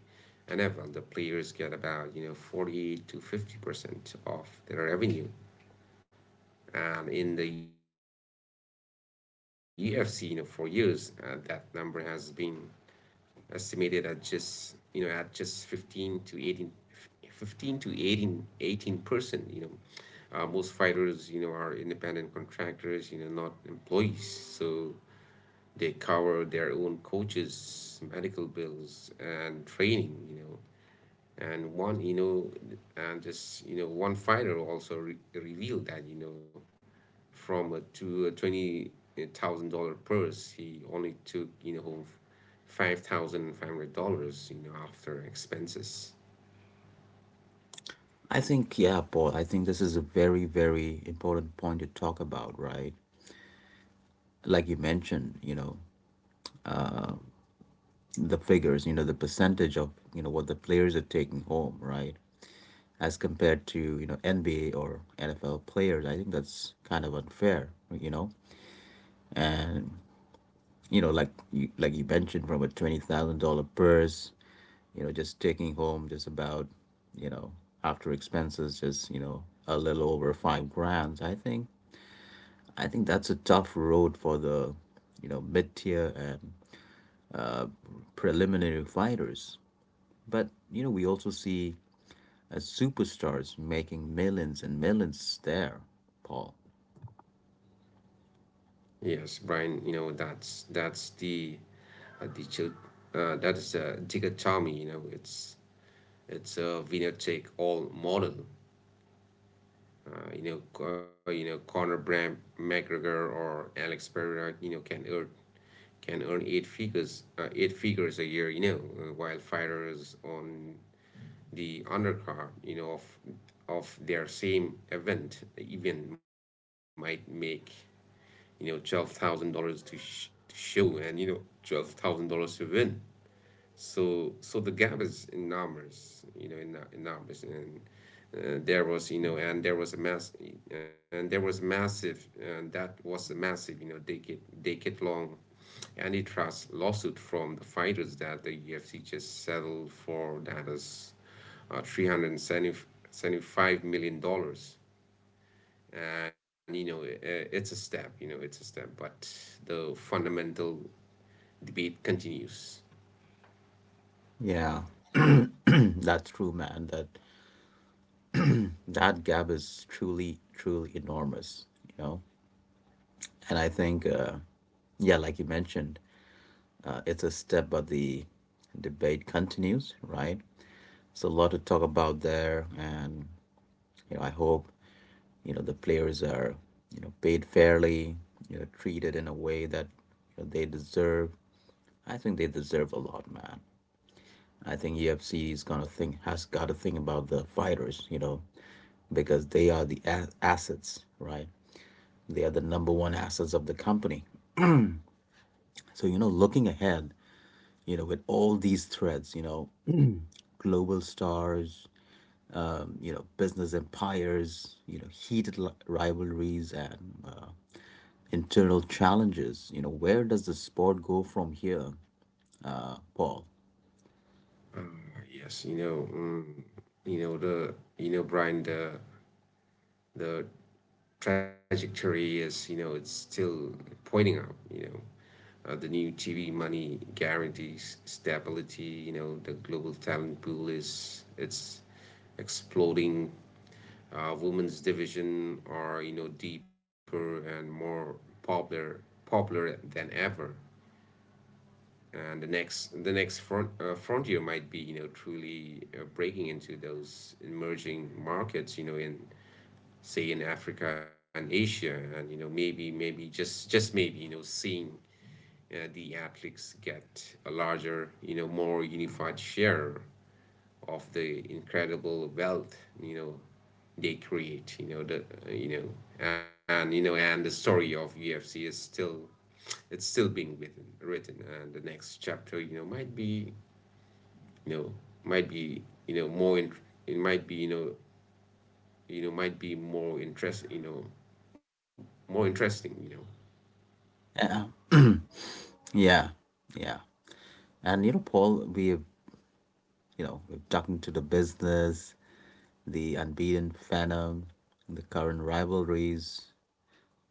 Speaker 2: NFL. The players get about, you know, 40 to 50% of their revenue. In the UFC, you know, for years, that number has been estimated at just, you know, at just 15 to 18, to 18, percent. You know, most fighters, you know, are independent contractors, you know, not employees. So they cover their own coaches, medical bills, and training. You know, and one, you know, and just, you know, one fighter also revealed that, you know, from a twenty thousand dollar purse, he only took, you know, home $5,500, you know, after expenses.
Speaker 1: I think, yeah, Paul, I think this is a very, very important point to talk about, right? Like you mentioned, you know, the figures, you know, the percentage of, you know, what the players are taking home, right? As compared to, you know, NBA or NFL players, I think that's kind of unfair, you know? And, you know, like you mentioned, from a $20,000 purse, you know, just taking home just about, you know, after expenses, just, you know, a little over 5 grand, I think. I think that's a tough road for the, you know, mid tier and preliminary fighters. But you know, we also see superstars making millions and millions there, Paul.
Speaker 2: Yes, Brian, you know that's the uh, the chil- that is a dichotomy. You know, it's a winner take all model. You know, you know Conor Bram McGregor or Alex Pereira, you know, can earn eight figures a year. You know, while fighters on the undercard, you know, of their same event, even might make, you know, $12,000 to, to show, and you know $12,000 to win. So the gap is enormous, you know, in enormous, and there was you know, and there was a mass, and there was massive, and that was a massive, you know, decade long antitrust lawsuit from the fighters that the UFC just settled for. That is 375 million dollars. And you know it's a step, but the fundamental debate continues.
Speaker 1: Yeah, <clears throat> that's true, man. That gap is truly, truly enormous. You know, and I think, yeah, like you mentioned, it's a step, but the debate continues, right? It's a lot to talk about there, and you know, I hope you know the players are you know paid fairly, you know, treated in a way that you know they deserve. I think they deserve a lot, man. I think UFC is gonna think has got to think about the fighters, you know, because they are the assets, right? They are the number one assets of the company. So you know, looking ahead, you know, with all these threads, you know, global stars, you know, business empires, you know, heated rivalries and internal challenges, you know, where does the sport go from here, Paul?
Speaker 2: uh, yes, you know, you know, the you know, Brian, the trajectory is, you know, it's still pointing up. You know, the new TV money guarantees stability. You know, the global talent pool is it's exploding. Women's division are, you know, deeper and more popular, than ever. And the next frontier might be, you know, truly breaking into those emerging markets. You know, in say in Africa and Asia, and you know maybe just maybe, you know, seeing the athletes get a larger, you know, more unified share of the incredible wealth, you know, they create. You know, you know and you know and the story of UFC is still it's still being written, and the next chapter, you know, might be you know might be you know more in, it might be you know might be more interest you know more interesting, you know.
Speaker 1: Yeah, yeah, yeah. And you know, Paul, we've you know we've talking into the business, the unbeaten phenom, the current rivalries,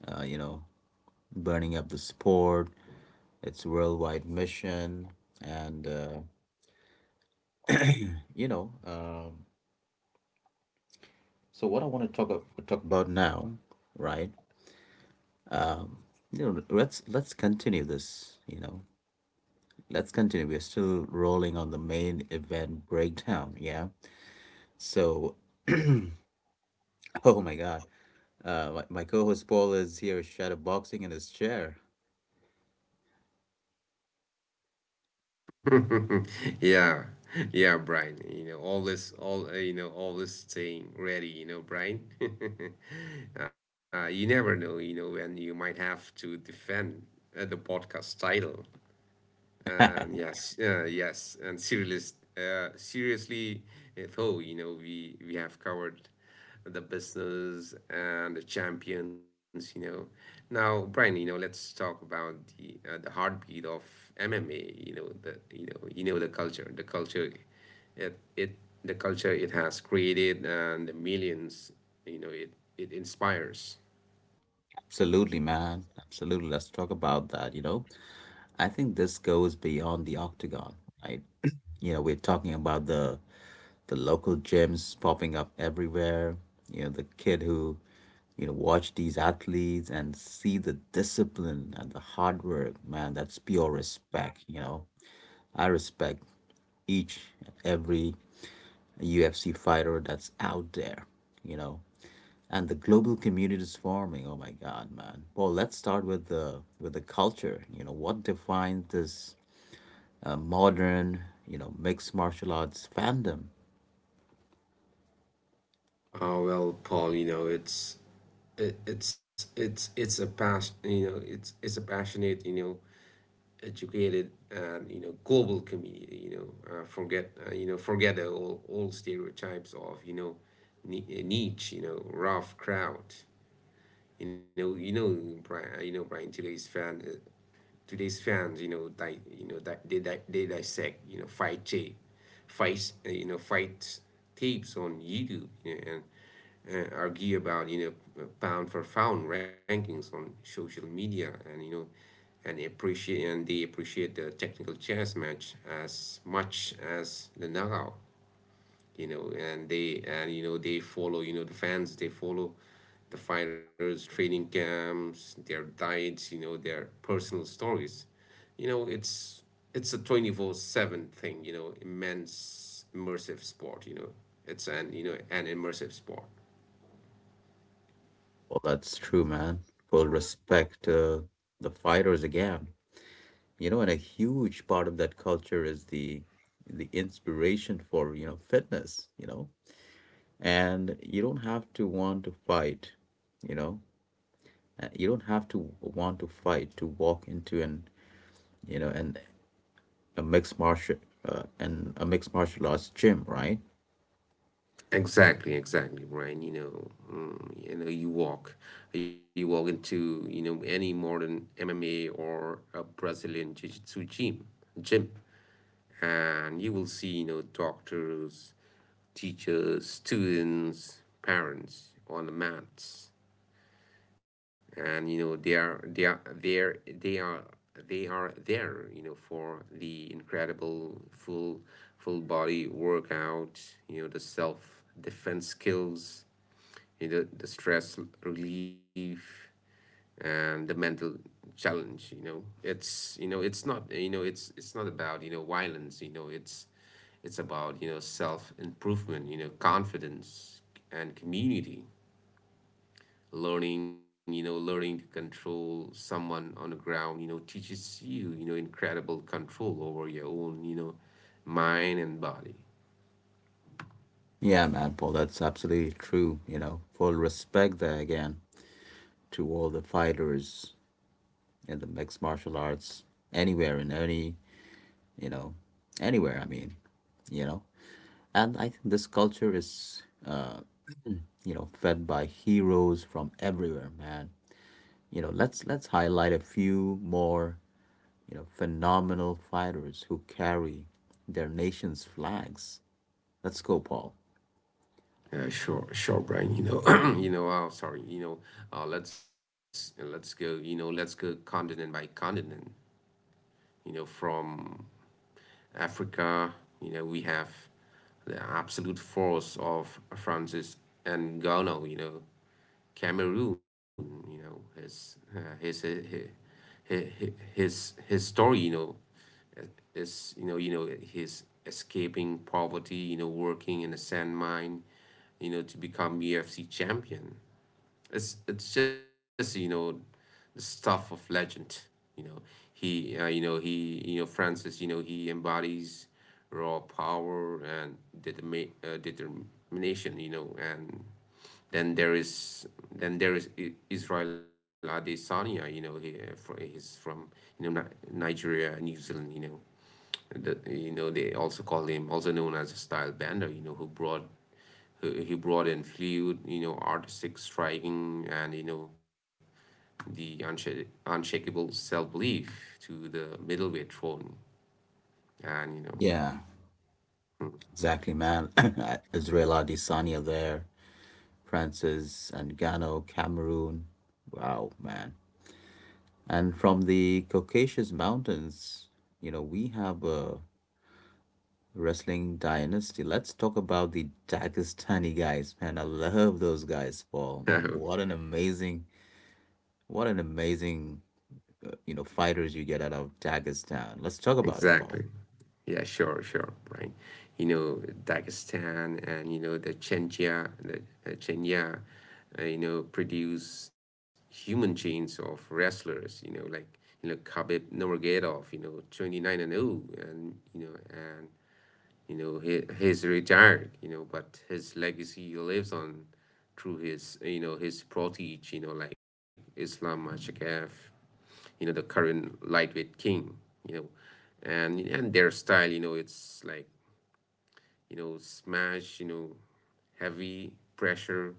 Speaker 1: you know, burning up the sport, its worldwide mission, and you know, so what I want to talk about now, right? You know, let's continue this. You know, let's continue. We're still rolling on the main event breakdown. Yeah. So <laughs> oh my God. My co-host Paul is here shadowboxing in his chair.
Speaker 2: <laughs> Yeah, yeah, Brian. You know, always, always staying ready. You know, Brian. <laughs> You never know, you know, when you might have to defend the podcast title. And yes, and seriously, though, you know, we have covered the business and the champions, you know. Now, Brian, you know, let's talk about the heartbeat of MMA. You know the culture, it the culture it has created and the millions, you know, it inspires.
Speaker 1: Absolutely, man. Absolutely. Let's talk about that, you know. I think this goes beyond the octagon, right? <clears throat> You know, we're talking about the local gyms popping up everywhere. You know, the kid who, you know, watch these athletes and see the discipline and the hard work, man, that's pure respect, you know. I respect each and every a UFC fighter that's out there, you know. And the global community is forming. Oh my God, man! Well, let's start with the culture. You know what defines this modern, you know, mixed martial arts fandom?
Speaker 2: Oh well, Paul, you know, it's it, it's a pas you know, it's a passionate, you know, educated and, you know, global community, you know. Forget forget the old stereotypes of, you know, niche, you know, rough crowd. You know, Brian, today's fans, you know, they dissect, you know, fight tapes on YouTube, you know, and argue about, you know, pound for pound rankings on social media, and you know and appreciate and they appreciate the technical chess match as much as the knockout. You know, and they and you know they follow, you know, the fans they follow the fighters training camps, their diets, you know, their personal stories, you know. It's a 24/7 thing, you know, immense immersive sport, you know, it's an, you know, an immersive sport.
Speaker 1: Well, that's true, man. Full respect to the fighters again. You know, and a huge part of that culture is the inspiration for you know fitness. You know, and you don't have to want to fight. You know, uh, you don't have to want to fight to walk into an you know an a mixed martial a mixed martial arts gym, right?
Speaker 2: Exactly, exactly, Brian. You know, you know, you walk into, you know, any modern MMA or a Brazilian Jiu-Jitsu gym, and you will see, you know, doctors, teachers, students, parents on the mats. And you know they are there, you know, for the incredible full body workout, you know, the self defense skills, you know, the stress relief, and the mental challenge. You know it's not about, you know, violence. You know, it's about, you know, self improvement, you know, confidence, and community. Learning, you know learning to control someone on the ground, you know, teaches you, you know, incredible control over your own, you know, mind and body.
Speaker 1: Yeah, man, Paul, that's absolutely true. You know, full respect there again to all the fighters in the mixed martial arts anywhere in any you know anywhere. I mean, you know, and I think this culture is <clears throat> you know fed by heroes from everywhere, man. You know, let's highlight a few more, you know, phenomenal fighters who carry their nation's flags. Let's go, Paul.
Speaker 2: Sure, sure, Brian. You know <clears throat> you know, oh sorry, you know, let's go continent by continent. You know, from Africa, you know, we have the absolute force of Francis and Ngannou. You know, Cameroon, you know, his his story, you know, is his escaping poverty, you know, working in a sand mine, you know, to become UFC champion. It's just, you know, the stuff of legend, you know. He you know he you know Francis, you know, he embodies raw power and determination, you know. And then there is then there is Israel Adesanya. You know, he's from, you know, Nigeria, New Zealand. You know, the, you know they also call him also known as a style bender. You know, he brought in fluid, you know, artistic striking, and, you know, the unshakable self belief to the middleweight throne. And you
Speaker 1: Yeah, exactly, man. <laughs> <clears throat> Israel Adesanya there, Francis Ngannou, Cameroon. Wow, man. And from the Caucasus Mountains, you know, we have a wrestling dynasty. Let's talk about the Dagestani guys, man. I love those guys, Paul.
Speaker 2: know, <laughs>
Speaker 1: What an amazing, you know, fighters you get out of Dagestan. Let's talk about it, Paul.
Speaker 2: Exactly. Yeah, sure, sure. Right. You know, Dagestan and, you know, the Chenja, the Chenya, you know, produce human chains of wrestlers, you know, like, you know, Khabib Nurmagomedov, you know, 29-0, and you know he's retired, you know, but his legacy lives on through his, you know, his protege, you know, like Islam Mashakav, you know, the current lightweight king, you know. And their style, you know, it's like, you know, smash, you know, heavy pressure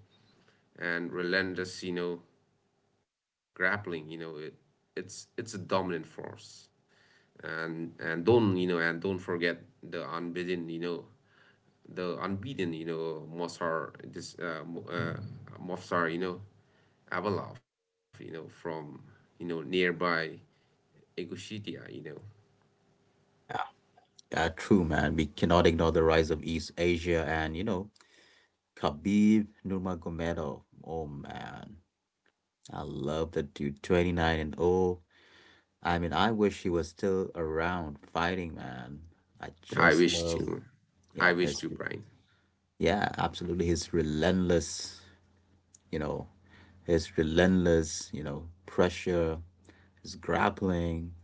Speaker 2: and relentless, you know, grappling, you know. It it's a dominant force. And don't you know and don't forget the unbeaten, you know, you know, Mozart, you know, Avalov, you know, from, you know, nearby Ingushetia, you know.
Speaker 1: Yeah, true, man. We cannot ignore the rise of East Asia and, you know, Khabib Nurmagomedov. Oh, man. I love that dude, 29 and oh. I mean, I wish he was still around fighting, man. I
Speaker 2: I
Speaker 1: just
Speaker 2: wish
Speaker 1: love,
Speaker 2: to, I
Speaker 1: yeah,
Speaker 2: wish
Speaker 1: his,
Speaker 2: to, Brian.
Speaker 1: yeah, absolutely. You know, his relentless, you know, pressure, his grappling.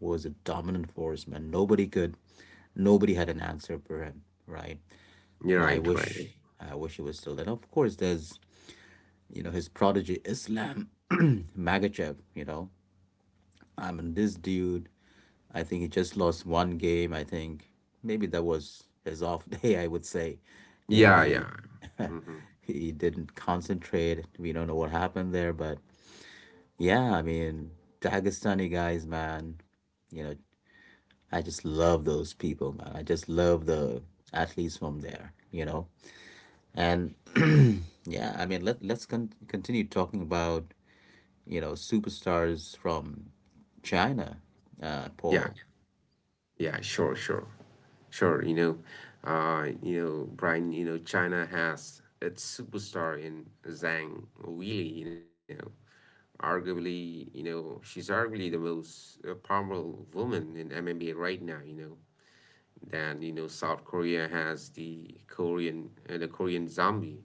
Speaker 1: Was a dominant force, man. Nobody had an answer for him, right?
Speaker 2: You're
Speaker 1: And
Speaker 2: right, right.
Speaker 1: I wish he was still there. Now, of course, there's, you know, his prodigy, Islam <clears throat> Magachev, you know. I mean, this dude, I think he just lost one game. I think maybe that was his off <laughs> day, I would say. You know,
Speaker 2: Yeah, yeah. Hmm.
Speaker 1: he didn't concentrate. We don't know what happened there, but yeah, I mean, Dagestani guys, man, you know, I just love those people, man. I just love the athletes from there, you know. And yeah, I mean, let's continue talking about you know superstars from China,
Speaker 2: Yeah.
Speaker 1: Paul.
Speaker 2: Yeah, sure, sure. You know, Brian. You know, China has its superstar in Zhang Weili. You know, arguably, she's arguably the most powerful woman in MMA right now. You know, then, you know, South Korea has the Korean Zombie.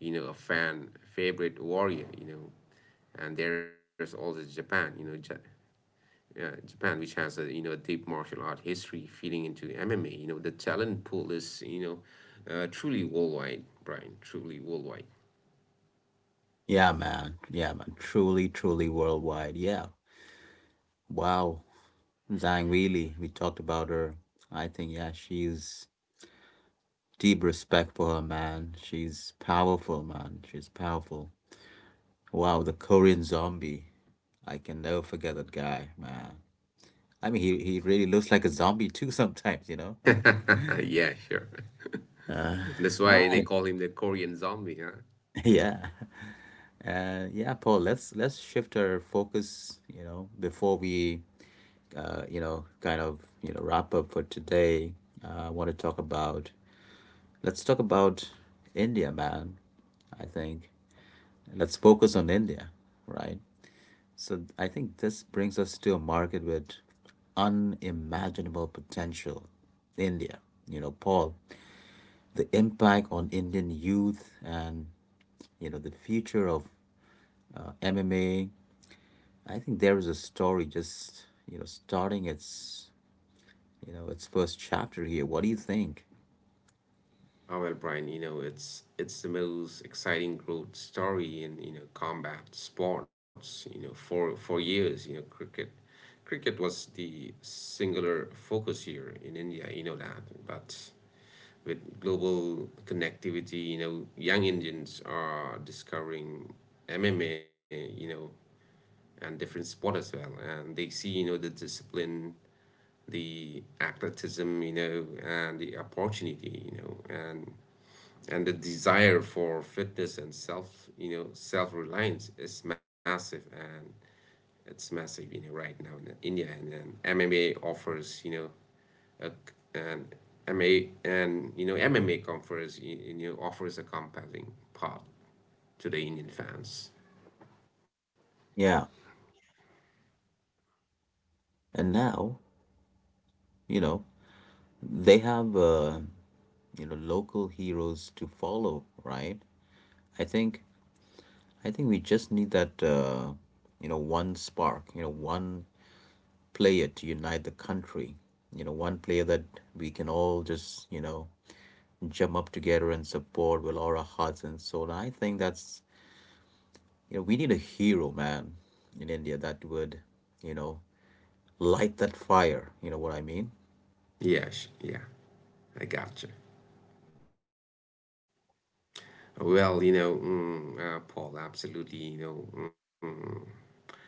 Speaker 2: You know, a fan favorite warrior. And there's also Japan. Japan, which has a you know a deep martial art history, feeding into MMA. The talent pool is truly worldwide, Brian. Truly worldwide.
Speaker 1: Yeah, man. Yeah, man. Truly, truly worldwide. Yeah. Wow. Zhang Weili, we talked about her. I think, yeah, she's deep respect for her, man. She's powerful, man. She's powerful. Wow, the Korean zombie. I can never forget that guy, man. He really looks like a zombie too <laughs> sometimes, you know. <laughs>
Speaker 2: <laughs> Yeah, sure. <laughs> That's
Speaker 1: All
Speaker 2: why they
Speaker 1: right.
Speaker 2: call him the Korean zombie, huh?
Speaker 1: <laughs> Yeah. Yeah, Paul, let's shift our focus, you know, before we you know, kind of, you know, wrap up for today. I want to talk about let's talk about India, man. I think let's focus on India, right? So I think this brings us to a market with unimaginable potential. India, you know, Paul, the impact on Indian youth and you know the future of MMA. I think there is a story just you know starting its you know its first chapter here. What do you think?
Speaker 2: Oh well, Brian. It's the most exciting growth story in combat sports. For years, cricket. Cricket was the singular focus here in India, you know that. But with global connectivity, young Indians are discovering MMA, and different sport as well. And they see, the discipline, the athleticism, and the opportunity, and the desire for fitness and self, self-reliance is massive, and it's massive, right now in India. And then MMA offers, you know, uh, and MA and MMA conference you know offers a compelling part to the Indian fans.
Speaker 1: Yeah, and now you know they have you know local heroes to follow, right? I think I think we just need that you know one spark, you know one player to unite the country. You know, one player that we can all just, you know, jump up together and support with all our hearts and soul. And I think that's, you know, we need a hero, man, in India that would, you know, light that fire. You know what I mean?
Speaker 2: Yeah, yeah, I gotcha. Well, Paul, absolutely.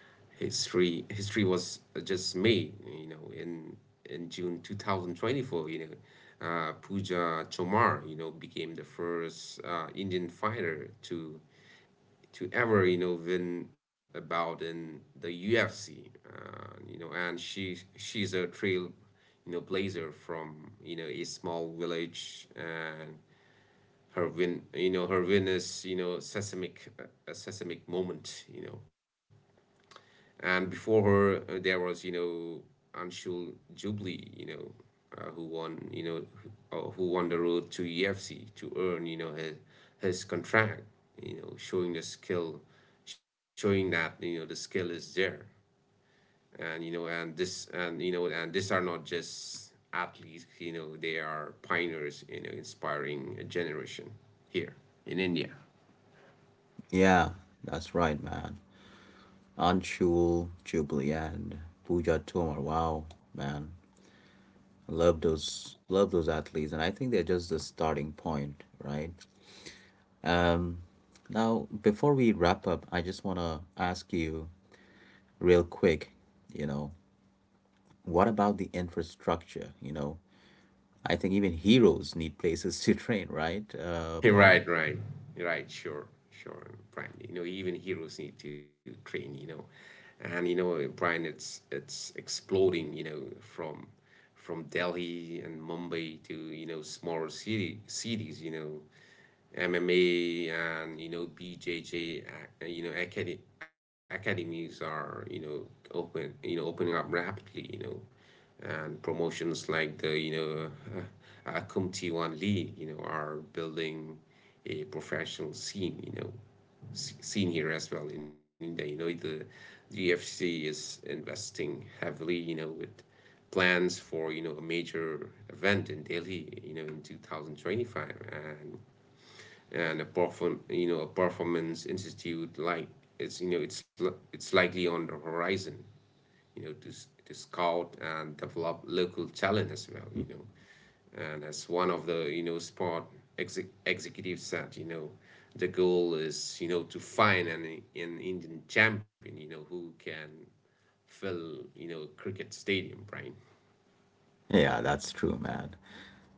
Speaker 2: History was just made, in June 2024. Pooja Chomar, you know, became the first Indian fighter to ever win about in the UFC. And she's a trail blazer from a small village, and her win is seismic, a seismic moment. You know, and Before her there was Anshul Jubilee, uh, who won you know who won the road to UFC to earn his contract, showing the skill, showing that the skill is there. And you know and this and you know and these are not just athletes, they are pioneers, inspiring a generation here in India.
Speaker 1: Yeah, that's right, man. Anshul, Jubilee, and Pooja Tomar. Wow, man. I love those, love those athletes, and I think they're just the starting point, right? Um, now, before we wrap up, I just want to ask you real quick, you know, what about the infrastructure? You know, I think even heroes need places <laughs> to train, right,
Speaker 2: <laughs>
Speaker 1: Paul?
Speaker 2: Right, right, right. Sure, sure, Brian. You know, even heroes need to train. Brian, it's exploding. From Delhi and Mumbai to smaller city cities. MMA and BJJ You know, acad academies are opening up rapidly. You know, and Promotions like the uh, Kumtiwan League, you know, are building a professional scene, scene here as well in India. The UFC is investing heavily, you know, with plans for a major event in Delhi, you know, in 2025, and a performance institute it's likely on the horizon, you know, to, to scout and develop local talent as well, you know. And as one of the, sport exe executives said, you know, the goal is, to find an Indian champion, you know, who can fill, you know, cricket stadium, Brian.
Speaker 1: Yeah, that's true, man.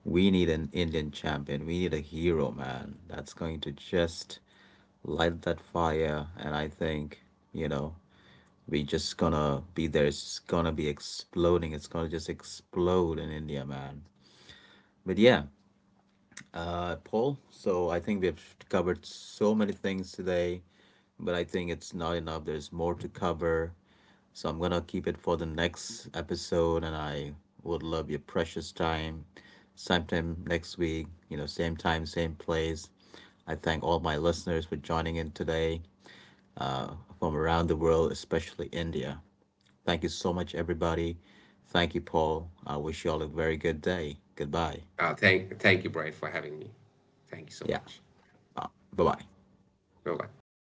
Speaker 1: We need an Indian champion. We need a hero, man, that's going to just light that fire. And I think, you know, we just gonna be there. It's gonna be exploding. It's gonna just explode in India, man. But yeah. Uh, Paul. So I think we've covered so many things today, but I think it's not enough. There's more to cover. So I'm going to keep it for the next episode, and I would love your precious time. Sometime next week, you know, same time, same place. I thank all my listeners for joining in today uh, from around the world, especially India. Thank you so much, everybody. Thank you, Paul. I wish you all a very good day. Goodbye.
Speaker 2: Thank you, Brian, for having me. Thank you so
Speaker 1: Yeah,
Speaker 2: much.
Speaker 1: bye bye.
Speaker 2: Bye-bye.